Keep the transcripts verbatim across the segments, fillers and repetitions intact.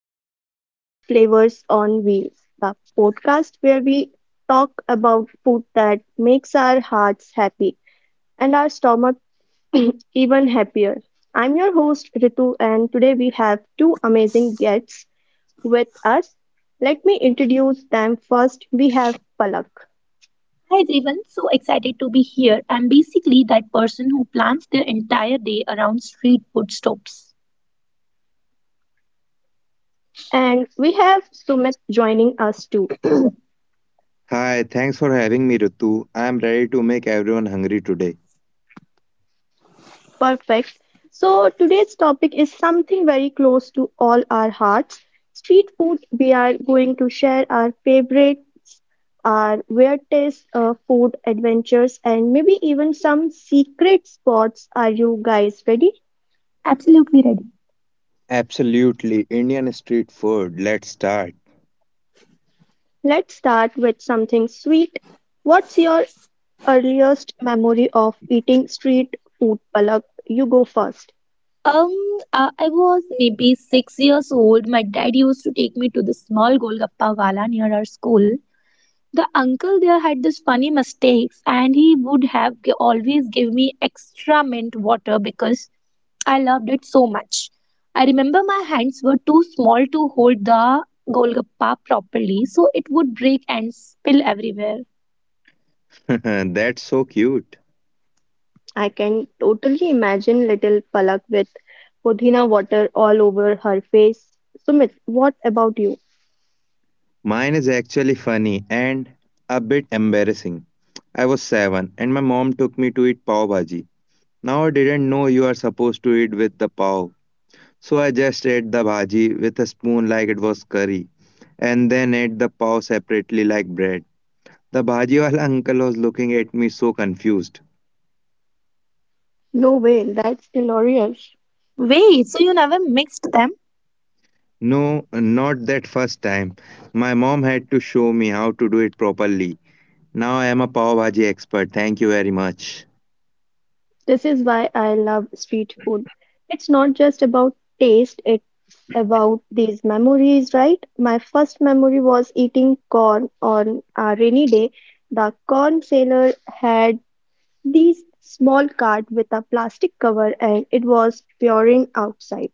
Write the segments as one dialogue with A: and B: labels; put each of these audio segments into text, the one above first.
A: episode of Flavors on Wheels, the podcast where we talk about food that makes our hearts happy and our stomach even happier. I'm your host Ritu, and today we have two amazing guests with us. Let me introduce them first. We have Palak
B: Hi everyone, so excited to be here. I'm basically that person who plans their entire day around street food stops.
A: and we have Sumit joining us too.
C: Hi, thanks for having me, Ritu. I'm ready to make everyone hungry today.
A: Perfect. So today's topic is something very close to all our hearts. Street food. We are going to share our favorites, our weird taste uh, food adventures, and maybe even some secret spots. Are you guys ready?
B: Absolutely ready.
C: Absolutely, Indian street food. Let's start.
A: Let's start with something sweet. What's your earliest memory of eating street food, Palak? You go first.
B: Um, uh, I was maybe six years old. My dad used to take me to the small Golgappa wala near our school. The uncle there had this funny mistakes, and he would have g- always give me extra mint water because I loved it so much. I remember my hands were too small to hold the Golgappa properly, so it would break and spill everywhere.
C: That's so cute.
A: I can totally imagine little Palak with Pudina water all over her face. Sumit, what about you?
C: Mine is actually funny and a bit embarrassing. I was seven and my mom took me to eat pav bhaji. Now I didn't know you are supposed to eat with the pav. So I just ate the bhaji with a spoon like it was curry and then ate the pav separately like bread. The bhajiwala uncle was looking at me so confused.
A: No way, that's glorious.
B: Wait, so you never mixed them?
C: No, not that first time. My mom had to show me how to do it properly. Now I am a pav bhaji expert. Thank you very much.
A: This is why I love street food. It's not just about taste, it's about these memories, right? My first memory was eating corn on a rainy day. The corn seller had these small cart with a plastic cover and it was pouring outside.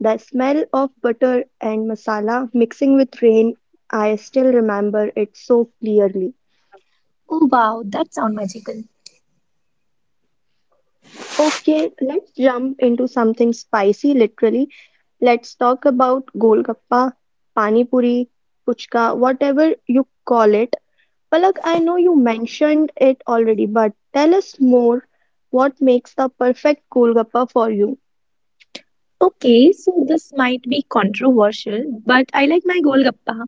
A: The smell of butter and masala mixing with rain, I still remember it so clearly.
B: Oh wow, that sounds magical.
A: Okay, let's jump into something spicy, literally. Let's talk about golgappa, pani puri, puchka, whatever you call it. Palak, I know you mentioned it already, but tell us more, what makes the perfect golgappa for you?
B: Okay, so this might be controversial, but I like my Golgappa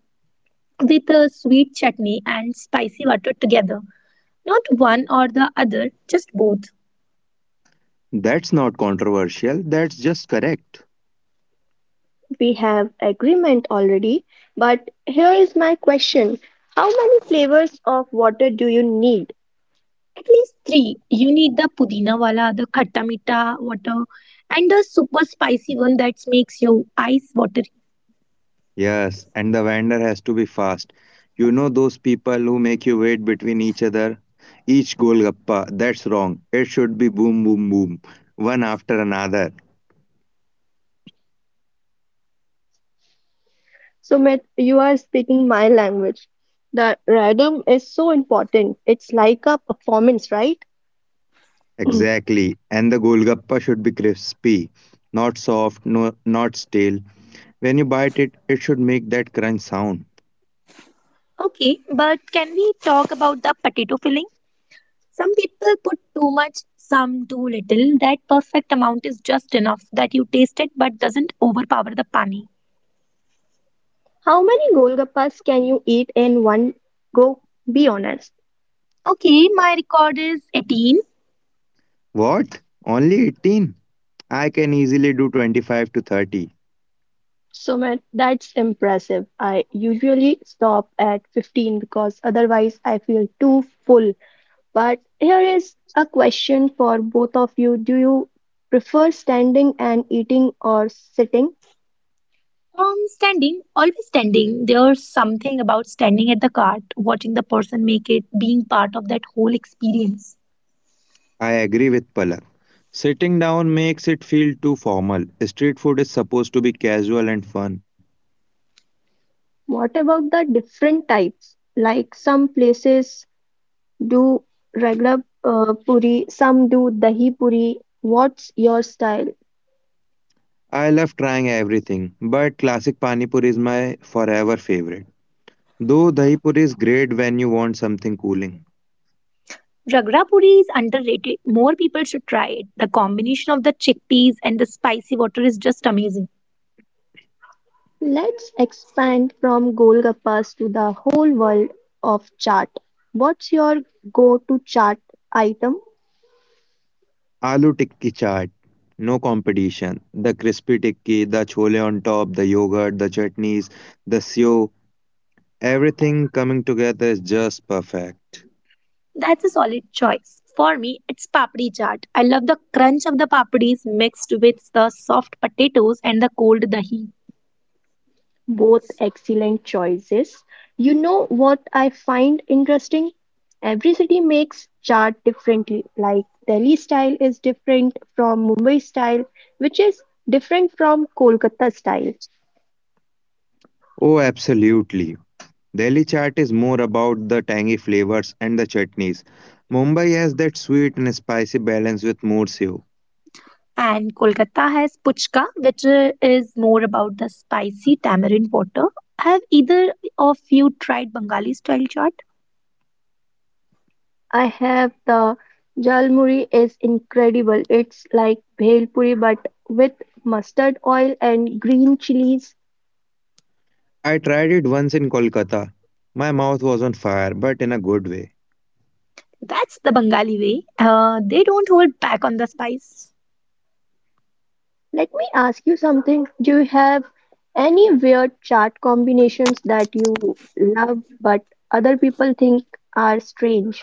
B: with a sweet chutney and spicy water together. Not one or the other, just both.
C: That's not controversial. That's just correct.
A: We have agreement already, but here is my question. How many flavors of water do you need?
B: At least three. You need the pudina wala, the khatta mita water, and the super spicy one that makes your eyes watery.
C: Yes, and the vendor has to be fast. You know those people who make you wait between each other? Each golgappa. That's wrong. It should be boom, boom, boom. One after another.
A: So, Sumit, you are speaking my language. The rhythm is so important. It's like a performance, right?
C: Exactly. And the golgappa should be crispy, not soft, no, not stale. When you bite it, it should make that crunch sound.
B: Okay, but can we talk about the potato filling? Some people put too much, some too little. That perfect amount is just enough that you taste it but doesn't overpower the pani.
A: How many Golgappas can you eat in one go? Be honest.
B: Okay, my record is eighteen.
C: What? Only eighteen? I can easily do twenty-five to thirty.
A: Sumit, that's impressive. I usually stop at fifteen because otherwise I feel too full. But here is a question for both of you. Do you prefer standing and eating or sitting?
B: Um, standing, always standing. There's something about standing at the cart, watching the person make it, being part of that whole experience.
C: I agree with Palak. Sitting down makes it feel too formal. Street food is supposed to be casual and fun.
A: What about the different types? Like some places do regular uh, puri, some do dahi puri. What's your style?
C: I love trying everything, but classic pani puri is my forever favorite. Though dahi puri is great when you want something cooling.
B: Ragra puri is underrated. More people should try it. The combination of the chickpeas and the spicy water is just amazing.
A: Let's expand from Golgappas to the whole world of chaat. What's your go-to chaat item?
C: Aloo tikki chaat, no competition. The crispy tikki, the chole on top, the yogurt, the chutneys, the sew, everything coming together is just perfect.
B: That's a solid choice. For me, it's papdi chaat. I love the crunch of the papdis mixed with the soft potatoes and the cold dahi.
A: Both excellent choices. You know what I find interesting? Every city makes chaat differently. Like Delhi style is different from Mumbai style, which is different from Kolkata style.
C: Oh, absolutely. Delhi chaat is more about the tangy flavors and the chutneys. Mumbai has that sweet and spicy balance with more sew.
B: And Kolkata has puchka, which uh, is more about the spicy tamarind water. Have either of you tried Bengali style chaat?
A: I have the Jalmuri is incredible. It's like bhel puri but with mustard oil and green chilies.
C: I tried it once in Kolkata. My mouth was on fire, but in a good way.
B: That's the Bengali way. Uh, they don't hold back on the spice.
A: Let me ask you something. Do you have any weird chart combinations that you love but other people think are strange?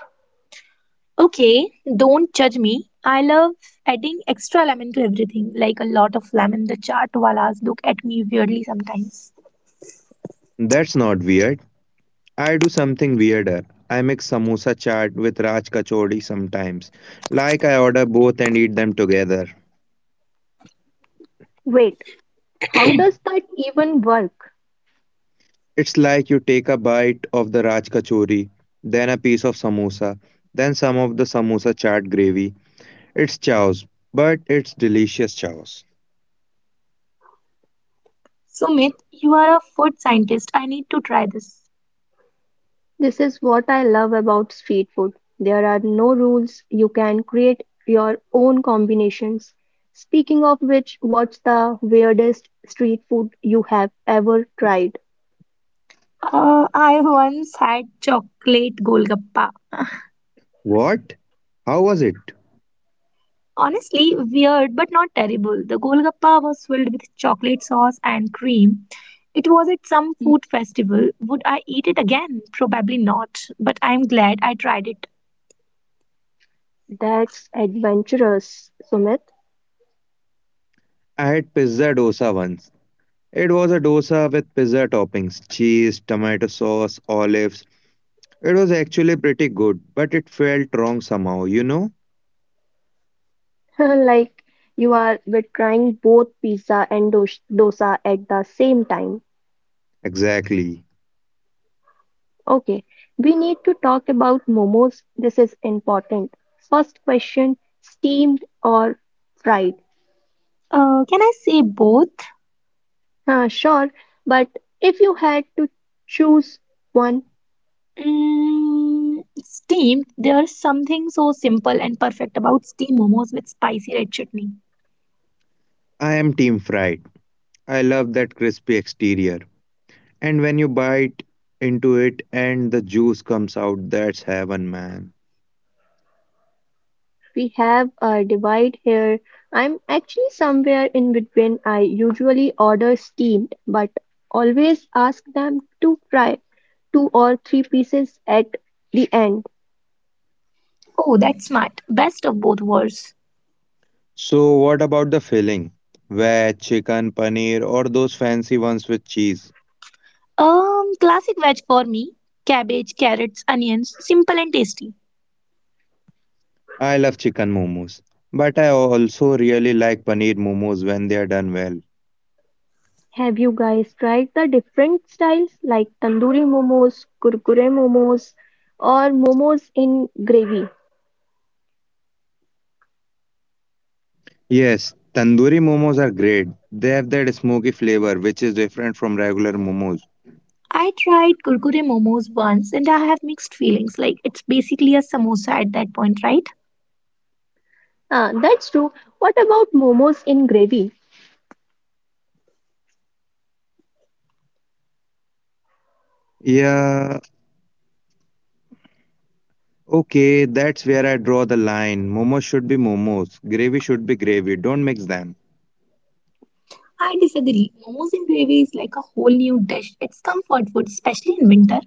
B: Okay, don't judge me. I love adding extra lemon to everything, like a lot of lemon. The chaat walas look at me weirdly sometimes.
C: That's not weird. I do something weirder. I mix samosa chaat with raj kachori sometimes. Like I order both and eat them together.
A: Wait, how does that even work?
C: It's like you take a bite of the raj kachori, then a piece of samosa, then some of the samosa chaat gravy. It's chaos, but it's delicious chaos.
B: Sumit, you are a food scientist. I need to try this.
A: This is what I love about street food. There are no rules. You can create your own combinations. Speaking of which, what's the weirdest street food you have ever tried?
B: Uh, I once had chocolate golgappa.
C: What? How was it?
B: Honestly, weird but not terrible. The golgappa was filled with chocolate sauce and cream. It was at some food festival. Would I eat it again? Probably not, but I'm glad I tried it.
A: That's adventurous, Sumit.
C: I had pizza dosa once. It was a dosa with pizza toppings, cheese, tomato sauce, olives. It was actually pretty good, but it felt wrong somehow, you know?
A: Like you are we're trying both pizza and dos- dosa at the same time.
C: Exactly.
A: Okay, we need to talk about momos. This is important. First question, steamed or fried?
B: Uh, can I say both?
A: Huh, sure, but if you had to choose one,
B: Mm, steamed, there's something so simple and perfect about steamed momos with spicy red chutney.
C: I am team fried. I love that crispy exterior. And when you bite into it and the juice comes out, that's heaven, man.
A: we have a divide here. I'm actually somewhere in between. I usually order steamed, but always ask them to fry two or three pieces at the end.
B: Oh, that's smart. Best of both worlds.
C: So, what about the filling? Veg, chicken, paneer, or those fancy ones with cheese?
B: Um, classic veg for me. Cabbage, carrots, onions, simple and tasty.
C: I love chicken momos. But I also really like paneer momos when they are done well.
A: Have you guys tried the different styles like tandoori momos, kurkure momos, or momos in gravy?
C: Yes, tandoori momos are great. They have that smoky flavor, which is different from regular momos.
B: I tried kurkure momos once and I have mixed feelings. Like it's basically a samosa at that point, right?
A: Ah, that's true. What about momos in gravy?
C: Yeah, okay, that's where I draw the line. Momos should be momos. Gravy should be gravy. Don't mix them.
B: I disagree. Momos and gravy is like a whole new dish. It's comfort food, especially in winter.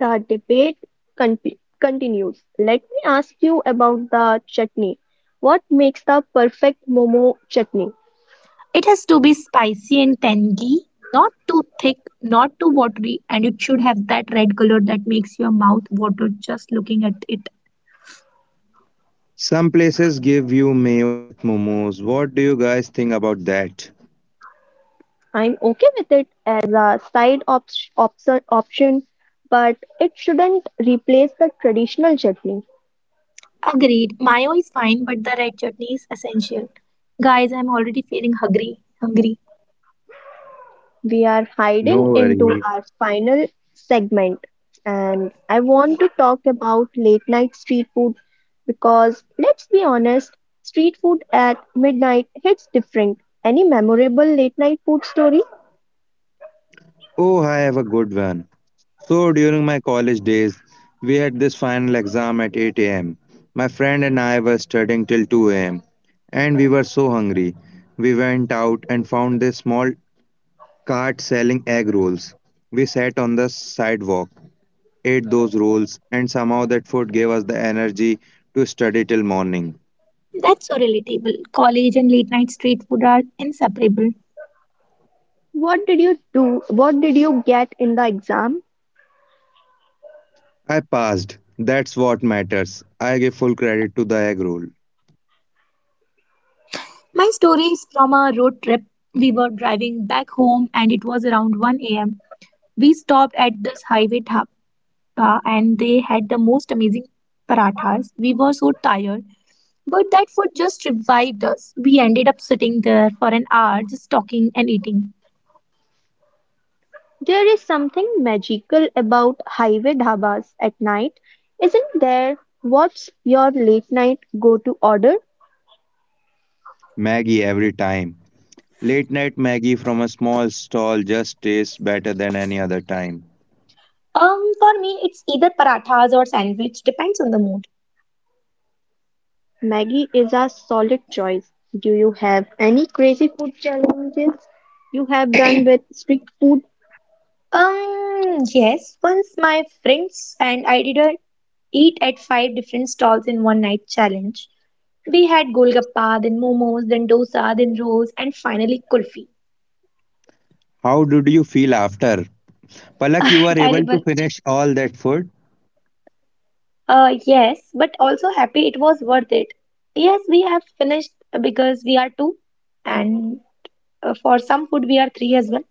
A: The debate conti- continues. Let me ask you about the chutney. What makes the perfect momo chutney?
B: It has to be spicy and tangy, not too thick, not too watery, and it should have that red color that makes your mouth water just looking at it.
C: Some places give you mayo with momos. What do you guys think about that?
A: I'm okay with it as a side op- option, option, but it shouldn't replace the traditional chutney.
B: Agreed. Mayo is fine, but the red chutney is essential. Guys, I'm already feeling hungry. Hungry.
A: We are
C: No
A: hiding into
C: worry.
A: our final segment, and I want to talk about late night street food because let's be honest, street food at midnight hits different. Any memorable late night food story?
C: Oh, I have a good one. So, during my college days, we had this final exam at eight a m. My friend and I were studying till two a m, and we were so hungry. We went out and found this small cart selling egg rolls. We sat on the sidewalk ate those rolls, and somehow that food gave us the energy to study till morning.
B: That's so relatable. College and late night street food are inseparable.
A: What did you do? What did you get in the exam?
C: I passed. That's what matters. I give full credit to the egg roll.
B: My story is from a road trip. We were driving back home and it was around one a m. We stopped at this highway dha- uh, and they had the most amazing parathas. We were so tired, but that food just revived us. We ended up sitting there for an hour just talking and eating.
A: There is something magical about highway dhabas at night, isn't there? What's your late night go to order?
C: Maggie every time. Late night Maggie from a small stall just tastes better than any other time.
B: Um, for me, it's either parathas or sandwich, depends on the mood.
A: Maggie is a solid choice. Do you have any crazy food challenges you have done with street food?
B: Um, yes, once my friends and I did a eat at five different stalls in one night challenge. We had golgappa, then momos, then dosa, then rolls, and finally kulfi.
C: How did you feel after? Palak, you were able to
B: Terrible,
C: finish all that food?
B: Uh, yes, but also happy it was worth it. Yes, we have finished because we are two, and uh, for some food we are three as well.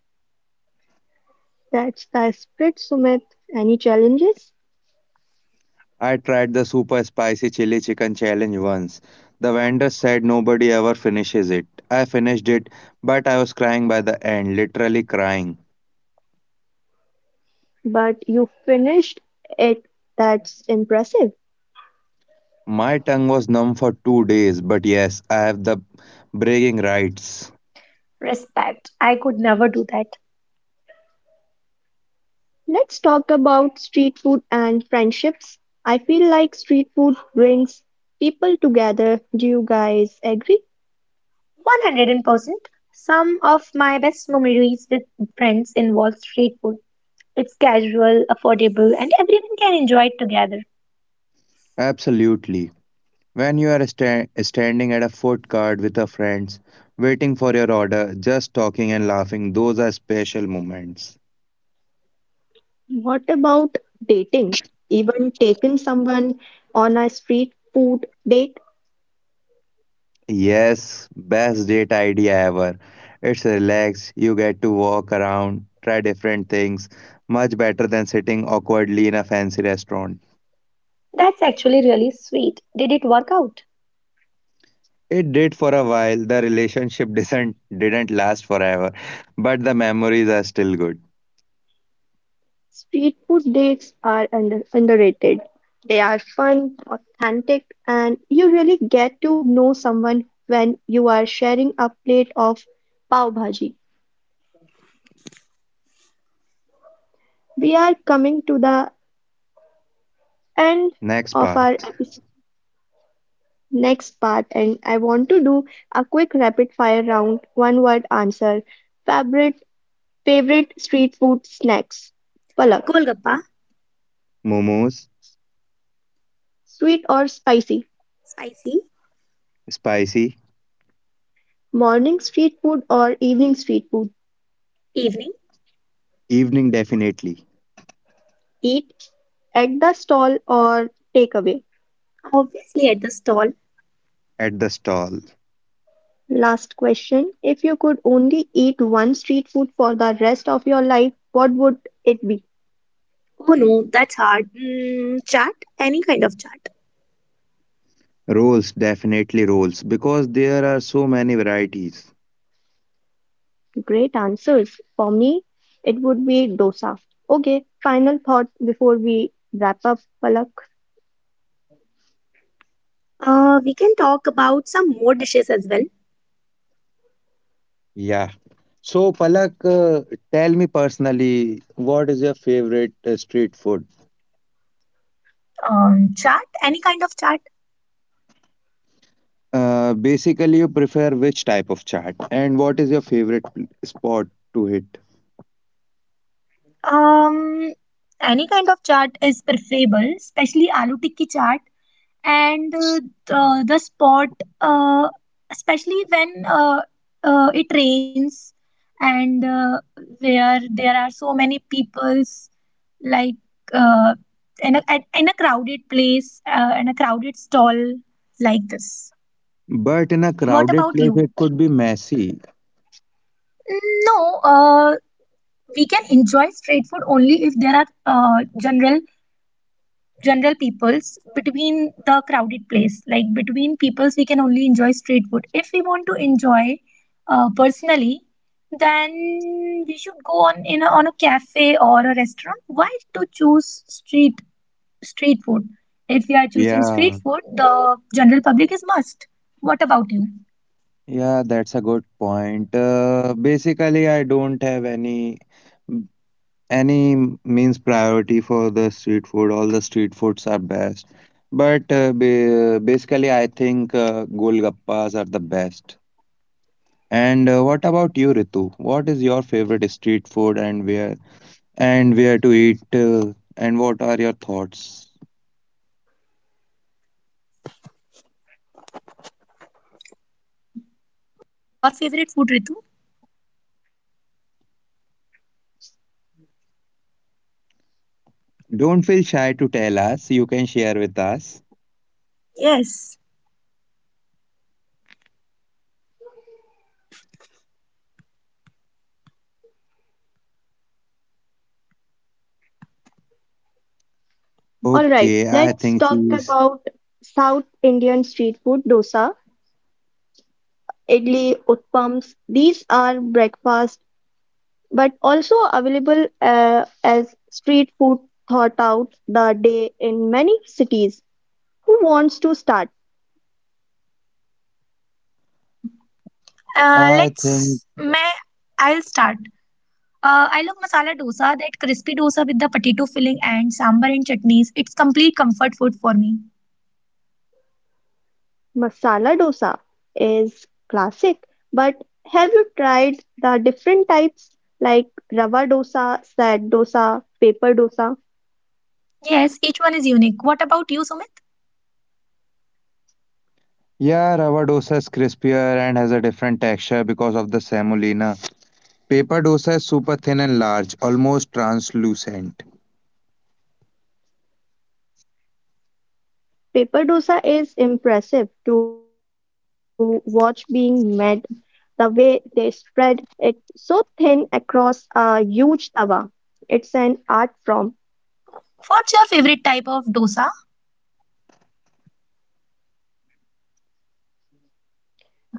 A: That's the spirit, Sumit. Any challenges?
C: I tried the super spicy chili chicken challenge once. The vendor said nobody ever finishes it. I finished it, but I was crying by the end, literally crying.
A: But you finished it. That's impressive.
C: My tongue was numb for two days, but yes, I have the bragging rights.
B: Respect. I could never do that.
A: Let's talk about street food and friendships. I feel like street food brings people together. Do you guys agree?
B: one hundred percent. Some of my best memories with friends involve street food. It's casual, affordable, and everyone can enjoy it together.
C: Absolutely. When you are sta- standing at a food cart with your friends, waiting for your order, just talking and laughing, those are special moments.
A: What about dating? Even taken someone on a street food date.
C: Yes, best date idea ever. It's relaxed, you get to walk around, try different things, much better than sitting awkwardly in a fancy restaurant.
B: That's actually really sweet. Did it work out?
C: It did for a while. The relationship didn't didn't last forever, but the memories are still good.
A: Street food dates are under underrated. They are fun, authentic, and you really get to know someone when you are sharing a plate of pav bhaji. We are coming to the end
C: Next
A: of
C: part.
A: our epis- next part, and I want to do a quick rapid fire round, one word answer. Favorite favorite street food snacks. Palak,
B: Golgappa,
C: Momos,
A: sweet or spicy?
B: spicy,
C: spicy,
A: Morning street food or evening street food?
B: evening,
C: evening definitely
A: Eat at the stall or takeaway?
B: obviously at the stall.
C: at the stall.
A: Last question. If you could only eat one street food for the rest of your life, what would it be?
B: Oh no, that's hard. Mm, Chaat, any kind of chaat.
C: Rolls definitely rolls because there are so many varieties.
A: Great answers. For me, it would be dosa. Okay, final thought before we wrap up, Palak.
B: Uh, we can talk about some more dishes as well.
C: Yeah. So, Palak, uh, tell me personally, what is your favorite uh, street food?
B: Um, Chaat, any kind of chaat.
C: Uh, basically, you prefer which type of chaat, and what is your favorite pl- spot to hit?
B: Um, any kind of chaat is preferable, especially aloo tikki chaat and uh, the, the spot, uh, especially when uh, uh, it rains and uh, where there are so many peoples like uh, in a, at, in a crowded place, uh, in a crowded stall like this.
C: But in a
B: What
C: crowded
B: about
C: place,
B: you?
C: it could be messy.
B: No, uh, we can enjoy street food only if there are uh, general general peoples between the crowded place, like between peoples we can only enjoy street food. If we want to enjoy uh, personally, then we should go on in a, on a cafe or a restaurant. Why to choose street street food? If we are choosing street
C: Yeah,
B: food, the general public is must. What about you your
C: yeah, that's a good point. Uh, basically, I don't have any any means priority for the street food. All the street foods are best. But uh, ba- basically, I think uh, golgappas are the best. And uh, what about you, Ritu? What is your favorite street food and where and where to eat uh, and what are your thoughts?
B: favorite food, Ritu?
C: Don't feel shy to tell us. You can share with us.
B: Yes,
A: All
C: Okay,
A: right,
C: I think
A: let's talk
C: she's.
A: about South Indian street food, dosa, idli, utpams. These are breakfast but also available uh, as street food thought out the day in many cities. Who wants to start?
C: I
B: uh,
C: think
B: let's may I'll start. Uh, I love masala dosa, that crispy dosa with the potato filling and sambar and chutneys. It's complete comfort food for me.
A: Masala dosa is classic, but have you tried the different types like rava dosa, sad dosa, paper dosa?
B: Yes, each one is unique. What about you, Sumit?
C: yeah, rava dosa is crispier and has a different texture because of the semolina. Paper dosa is super thin and large, almost translucent.
A: Paper dosa is impressive to watch being made. The way they spread it so thin across a huge tawa. It's an art form.
B: What's your favorite type of dosa?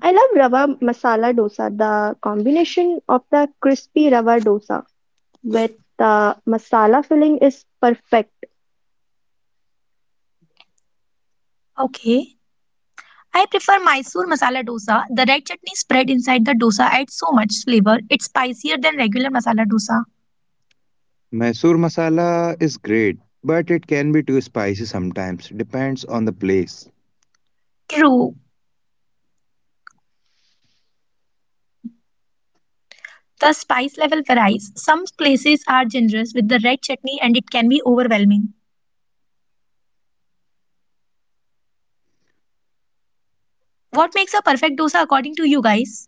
A: I love Rava Masala Dosa. The combination of the crispy Rava dosa with the masala filling is perfect.
B: Okay. I prefer Mysore masala dosa. The red chutney spread inside the dosa adds so much flavor. It's spicier than regular masala dosa.
C: Mysore masala is great, but it can be too spicy sometimes. Depends on the place.
B: True. The spice level varies. Some places are generous with the red chutney and it can be overwhelming. What makes a perfect dosa according to you guys?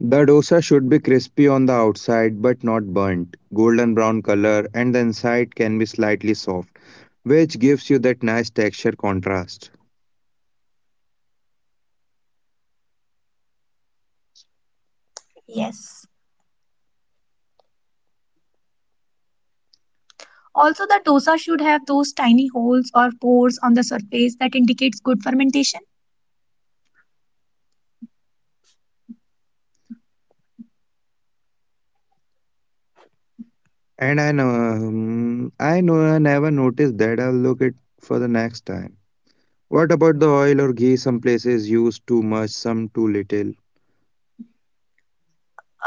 C: The dosa should be crispy on the outside but not burnt, golden brown color, and the inside can be slightly soft, which gives you that nice texture contrast.
B: Yes. Also, the dosa should have those tiny holes or pores on the surface that indicates good fermentation.
C: And I know, um, I know I never noticed that. I'll look it for the next time. What about the oil or ghee? Some places use too much, some too little.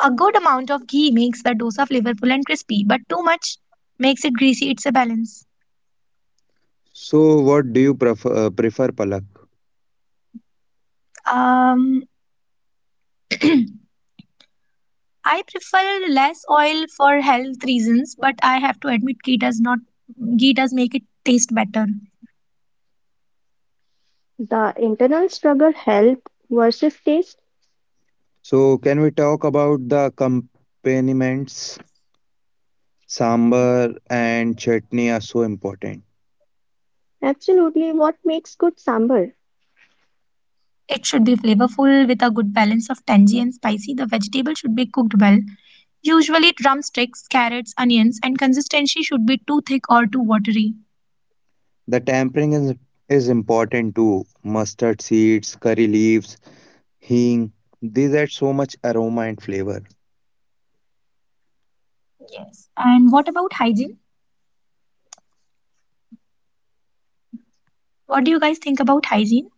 B: A good amount of ghee makes the dosa flavorful and crispy, but too much makes it greasy. It's a balance.
C: So, what do you prefer, uh, prefer Palak?
B: Um, I prefer less oil for health reasons, but I have to admit ghee does not ghee does make it taste better.
A: The internal struggle, health versus taste,
C: So, can we talk about the accompaniments? Sambar and chutney are so important.
A: absolutely what makes good sambar.
B: It should be flavorful with a good balance of tangy and spicy. The vegetable should be cooked well. Usually drumsticks, carrots, onions, and consistency should be too thick or too watery.
C: The tempering is, is important too. Mustard seeds, curry leaves, hing. These add so much aroma and flavor.
B: Yes. And what about hygiene? What do you guys think about hygiene?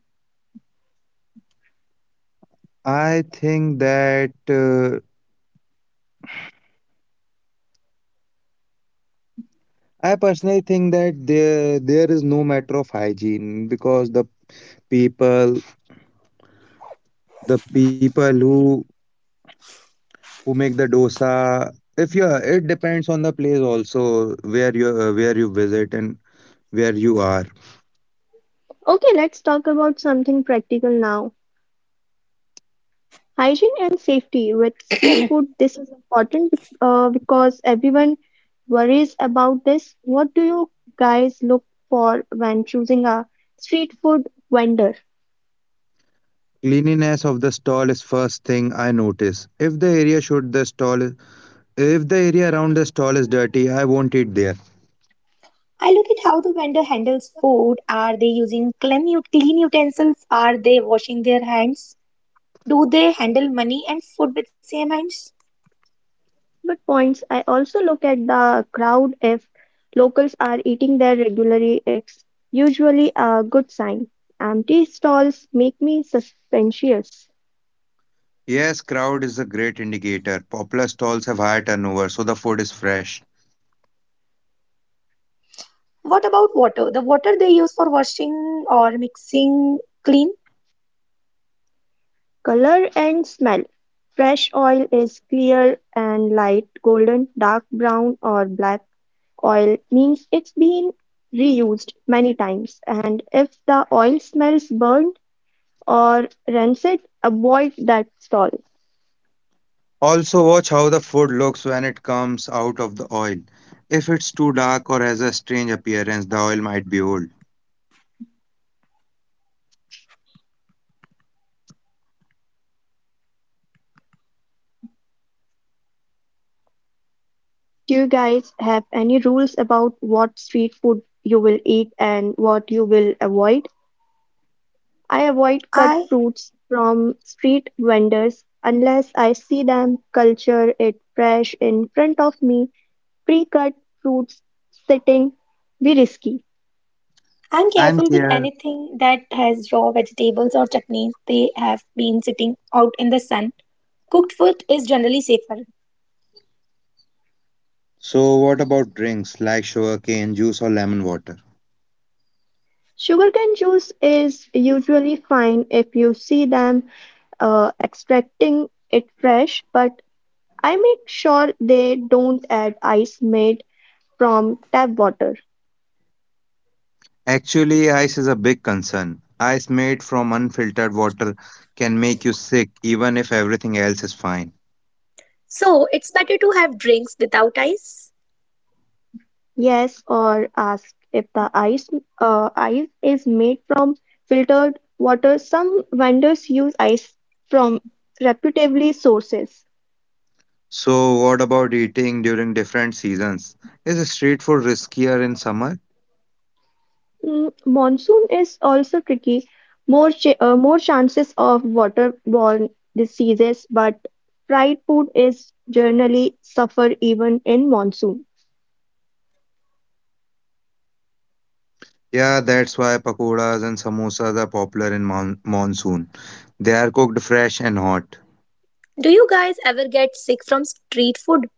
C: I think that. Uh, I personally think that there there is no matter of hygiene because the people the people who who make the dosa if you are- it depends on the place also where you uh, where you visit and where you are.
A: Okay, let's talk about something practical now. Hygiene and safety with street food. This is important uh, because everyone worries about this. What do you guys look for when choosing a street food vendor?
C: Cleanliness of the stall is first thing I notice. If the area should the stall if the area around the stall is dirty, I won't eat there.
B: I look at how the vendor handles food. Are they using clean, ut- clean utensils? Are they washing their hands? Do they handle money and food with same hands?
A: Good points. I also look at the crowd. If locals are eating there regularly, it's usually a good sign. Empty stalls make me suspicious.
C: Yes, crowd is a great indicator. Popular stalls have high turnover, so the food is fresh.
B: What about water? The water they use for washing or mixing clean?
A: Color and smell. Fresh oil is clear and light golden, dark brown or black oil means it's been reused many times. And if the oil smells burnt or rancid, avoid that stall.
C: Also, watch how the food looks when it comes out of the oil. If it's too dark or has a strange appearance, the oil might be old.
A: Do you guys have any rules about what street food you will eat and what you will avoid? I avoid cut
B: I
A: fruits from street vendors unless I see them culture it fresh in front of me. Pre-cut fruits sitting be risky.
B: I'm
C: I'm
B: careful with
C: here.
B: anything that has raw vegetables or chutneys. They have been sitting out in the sun. Cooked food is generally safer.
C: So, what about drinks like sugarcane juice or lemon water?
A: Sugarcane juice is usually fine if you see them uh, extracting it fresh, but I make sure they don't add ice made from tap water.
C: Actually, ice is a big concern. Ice made from unfiltered water can make you sick even if everything else is fine.
B: So it's better to have drinks without ice.
A: Yes, or ask if the ice uh, ice is made from filtered water. Some vendors use ice from reputably sources.
C: So, what about eating during different seasons? Is street food riskier in summer?
A: Mm, monsoon is also tricky. More ch uh, more chances of waterborne diseases, but fried food is generally suffer even in monsoon.
C: Yeah, that's why pakoras and samosas are popular in mon- monsoon. They are cooked fresh and hot.
B: Do you guys ever get sick from street food?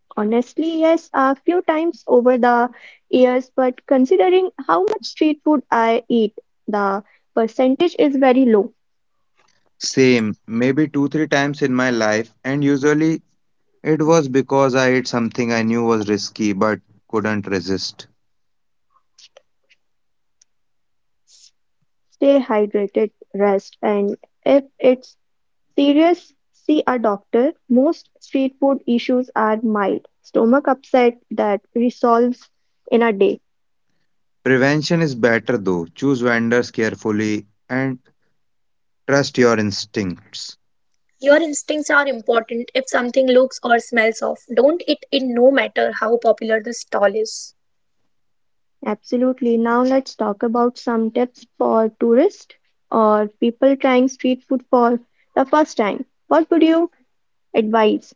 A: Honestly, yes, a few times over the years, but considering how much street food I eat, the percentage is very low.
C: Same, maybe two, three times in my life, and usually it was because I ate something I knew was risky but couldn't resist.
A: S- Stay hydrated, rest, and if it's serious, see a doctor. Most street food issues are mild, stomach upset that resolves in a day.
C: Prevention is better though. Choose vendors carefully and trust your instincts.
B: Your instincts are important. If something looks or smells off, don't eat it, no matter how popular the stall is.
A: Absolutely. Now let's talk about some tips for tourists or people trying street food for the first time. What would you advise?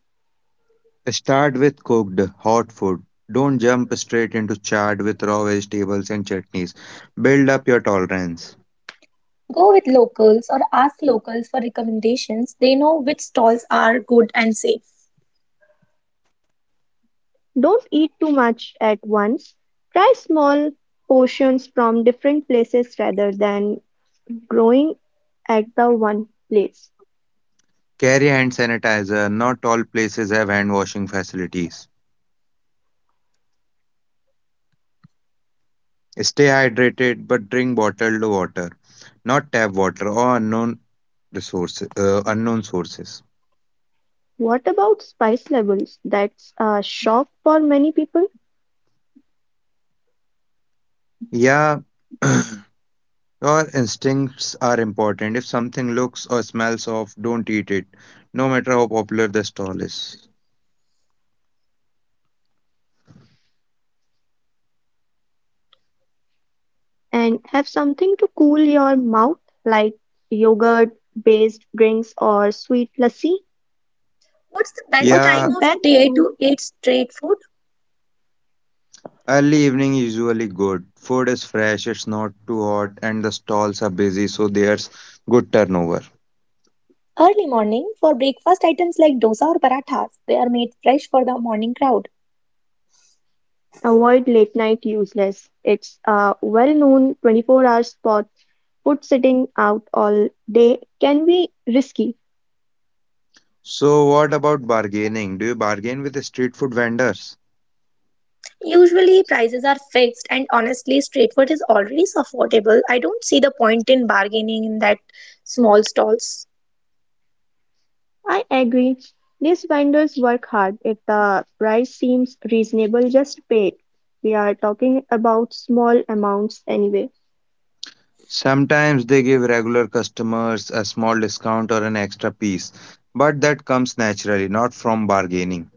C: Start with cooked, hot food. Don't jump straight into chaat with raw vegetables and chutneys. Build up your tolerance.
B: Go with locals or ask locals for recommendations. They know which stalls are good and safe.
A: Don't eat too much at once, try small portions from different places rather than growing at the one place.
C: Carry hand sanitizer. Not all places have hand washing facilities. Stay hydrated, but drink bottled water, not tap water or unknown resources, uh, unknown sources.
A: What about spice levels? That's a shock for many people.
C: Yeah, your instincts are important. If something looks or smells off, don't eat it, no matter how popular the stall is.
A: And have something to cool your mouth, like yogurt based drinks or sweet lassi.
B: What's the best
A: What's the
C: Yeah,
B: time of
A: best
B: day to
A: thing?
B: eat street food?
C: early evening usually good. Food is fresh, it's not too hot, and the stalls are busy, so there's good turnover.
B: Early morning for breakfast items like dosa or parathas. They are made fresh for the morning crowd.
A: Avoid late night useless. It's a well known twenty-four hour spot. Food sitting out all day can be risky.
C: So, what about bargaining? Do you bargain with the street food vendors?
B: Usually, prices are fixed, and honestly, street food is already affordable. I don't see the point in bargaining in that small stalls.
A: I agree. These vendors work hard. If the price seems reasonable, just pay it. We are talking about small amounts anyway.
C: Sometimes they give regular customers a small discount or an extra piece, but that comes naturally, not from bargaining.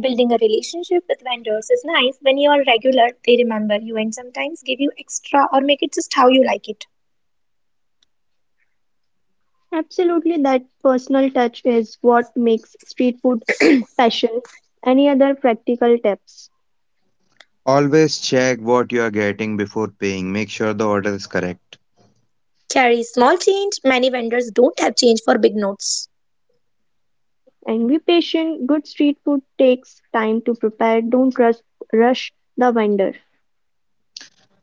B: Building a relationship with vendors is nice. When you are regular, they remember you and sometimes give you extra or make it just how you like it.
A: Absolutely, that personal touch is what makes street food special. Any other practical tips?
C: Always check what you are getting before paying. Make sure the order is correct.
B: Carry small change. Many vendors don't have change for big notes.
A: And be patient. Good street food takes time to prepare. Don't rush, rush the vendor.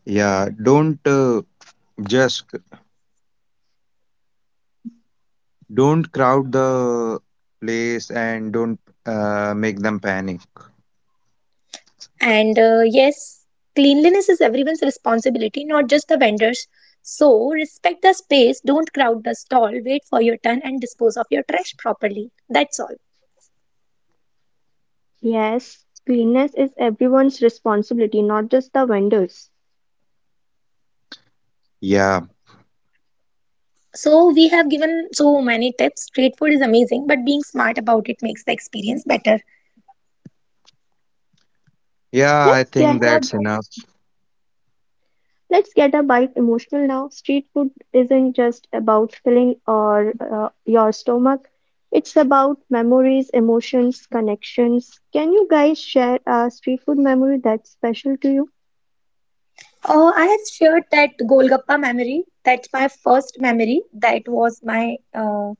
C: Yeah, don't uh, just don't crowd the place and don't uh, make them panic.
B: And uh, yes, cleanliness is everyone's responsibility, not just the vendors. So, respect the space, don't crowd the stall, wait for your turn, and dispose of your trash properly. That's all.
A: Yes, cleanliness is everyone's responsibility, not just the vendors.
C: Yeah,
B: So we have given so many tips. Street food is amazing, but being smart about it makes the experience better.
C: yeah, I
A: Let's get
C: think
A: a
C: that's enough.
A: Let's get a bit emotional now. Street food isn't just about filling or uh, your stomach. It's about memories, emotions, connections. Can you guys share a street food memory that's special to you?
B: Uh, I have shared that Golgappa memory. That's my first memory. That was my uh,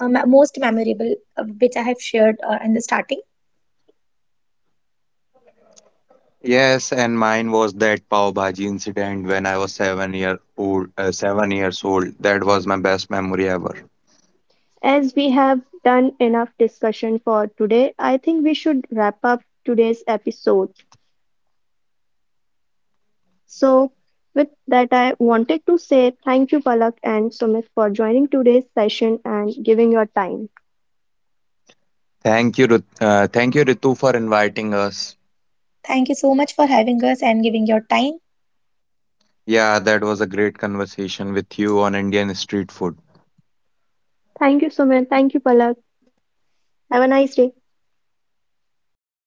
B: uh, me- most memorable, uh, which I have shared uh, in the starting.
C: Yes, and mine was that pav bhaji incident when I was seven year old. Uh, seven years old. That was my best memory ever.
A: As we have done enough discussion for today, I think we should wrap up today's episode. So, with that, I wanted to say thank you, Palak and Sumit, for joining today's session and giving your time.
C: Thank you, Rit- uh, thank you, Ritu, for inviting us.
B: Thank you so much for having us and giving your time.
C: Yeah, that was a great conversation with you on Indian street food.
A: Thank you, Sumit. Thank you, Palak. Have a nice day.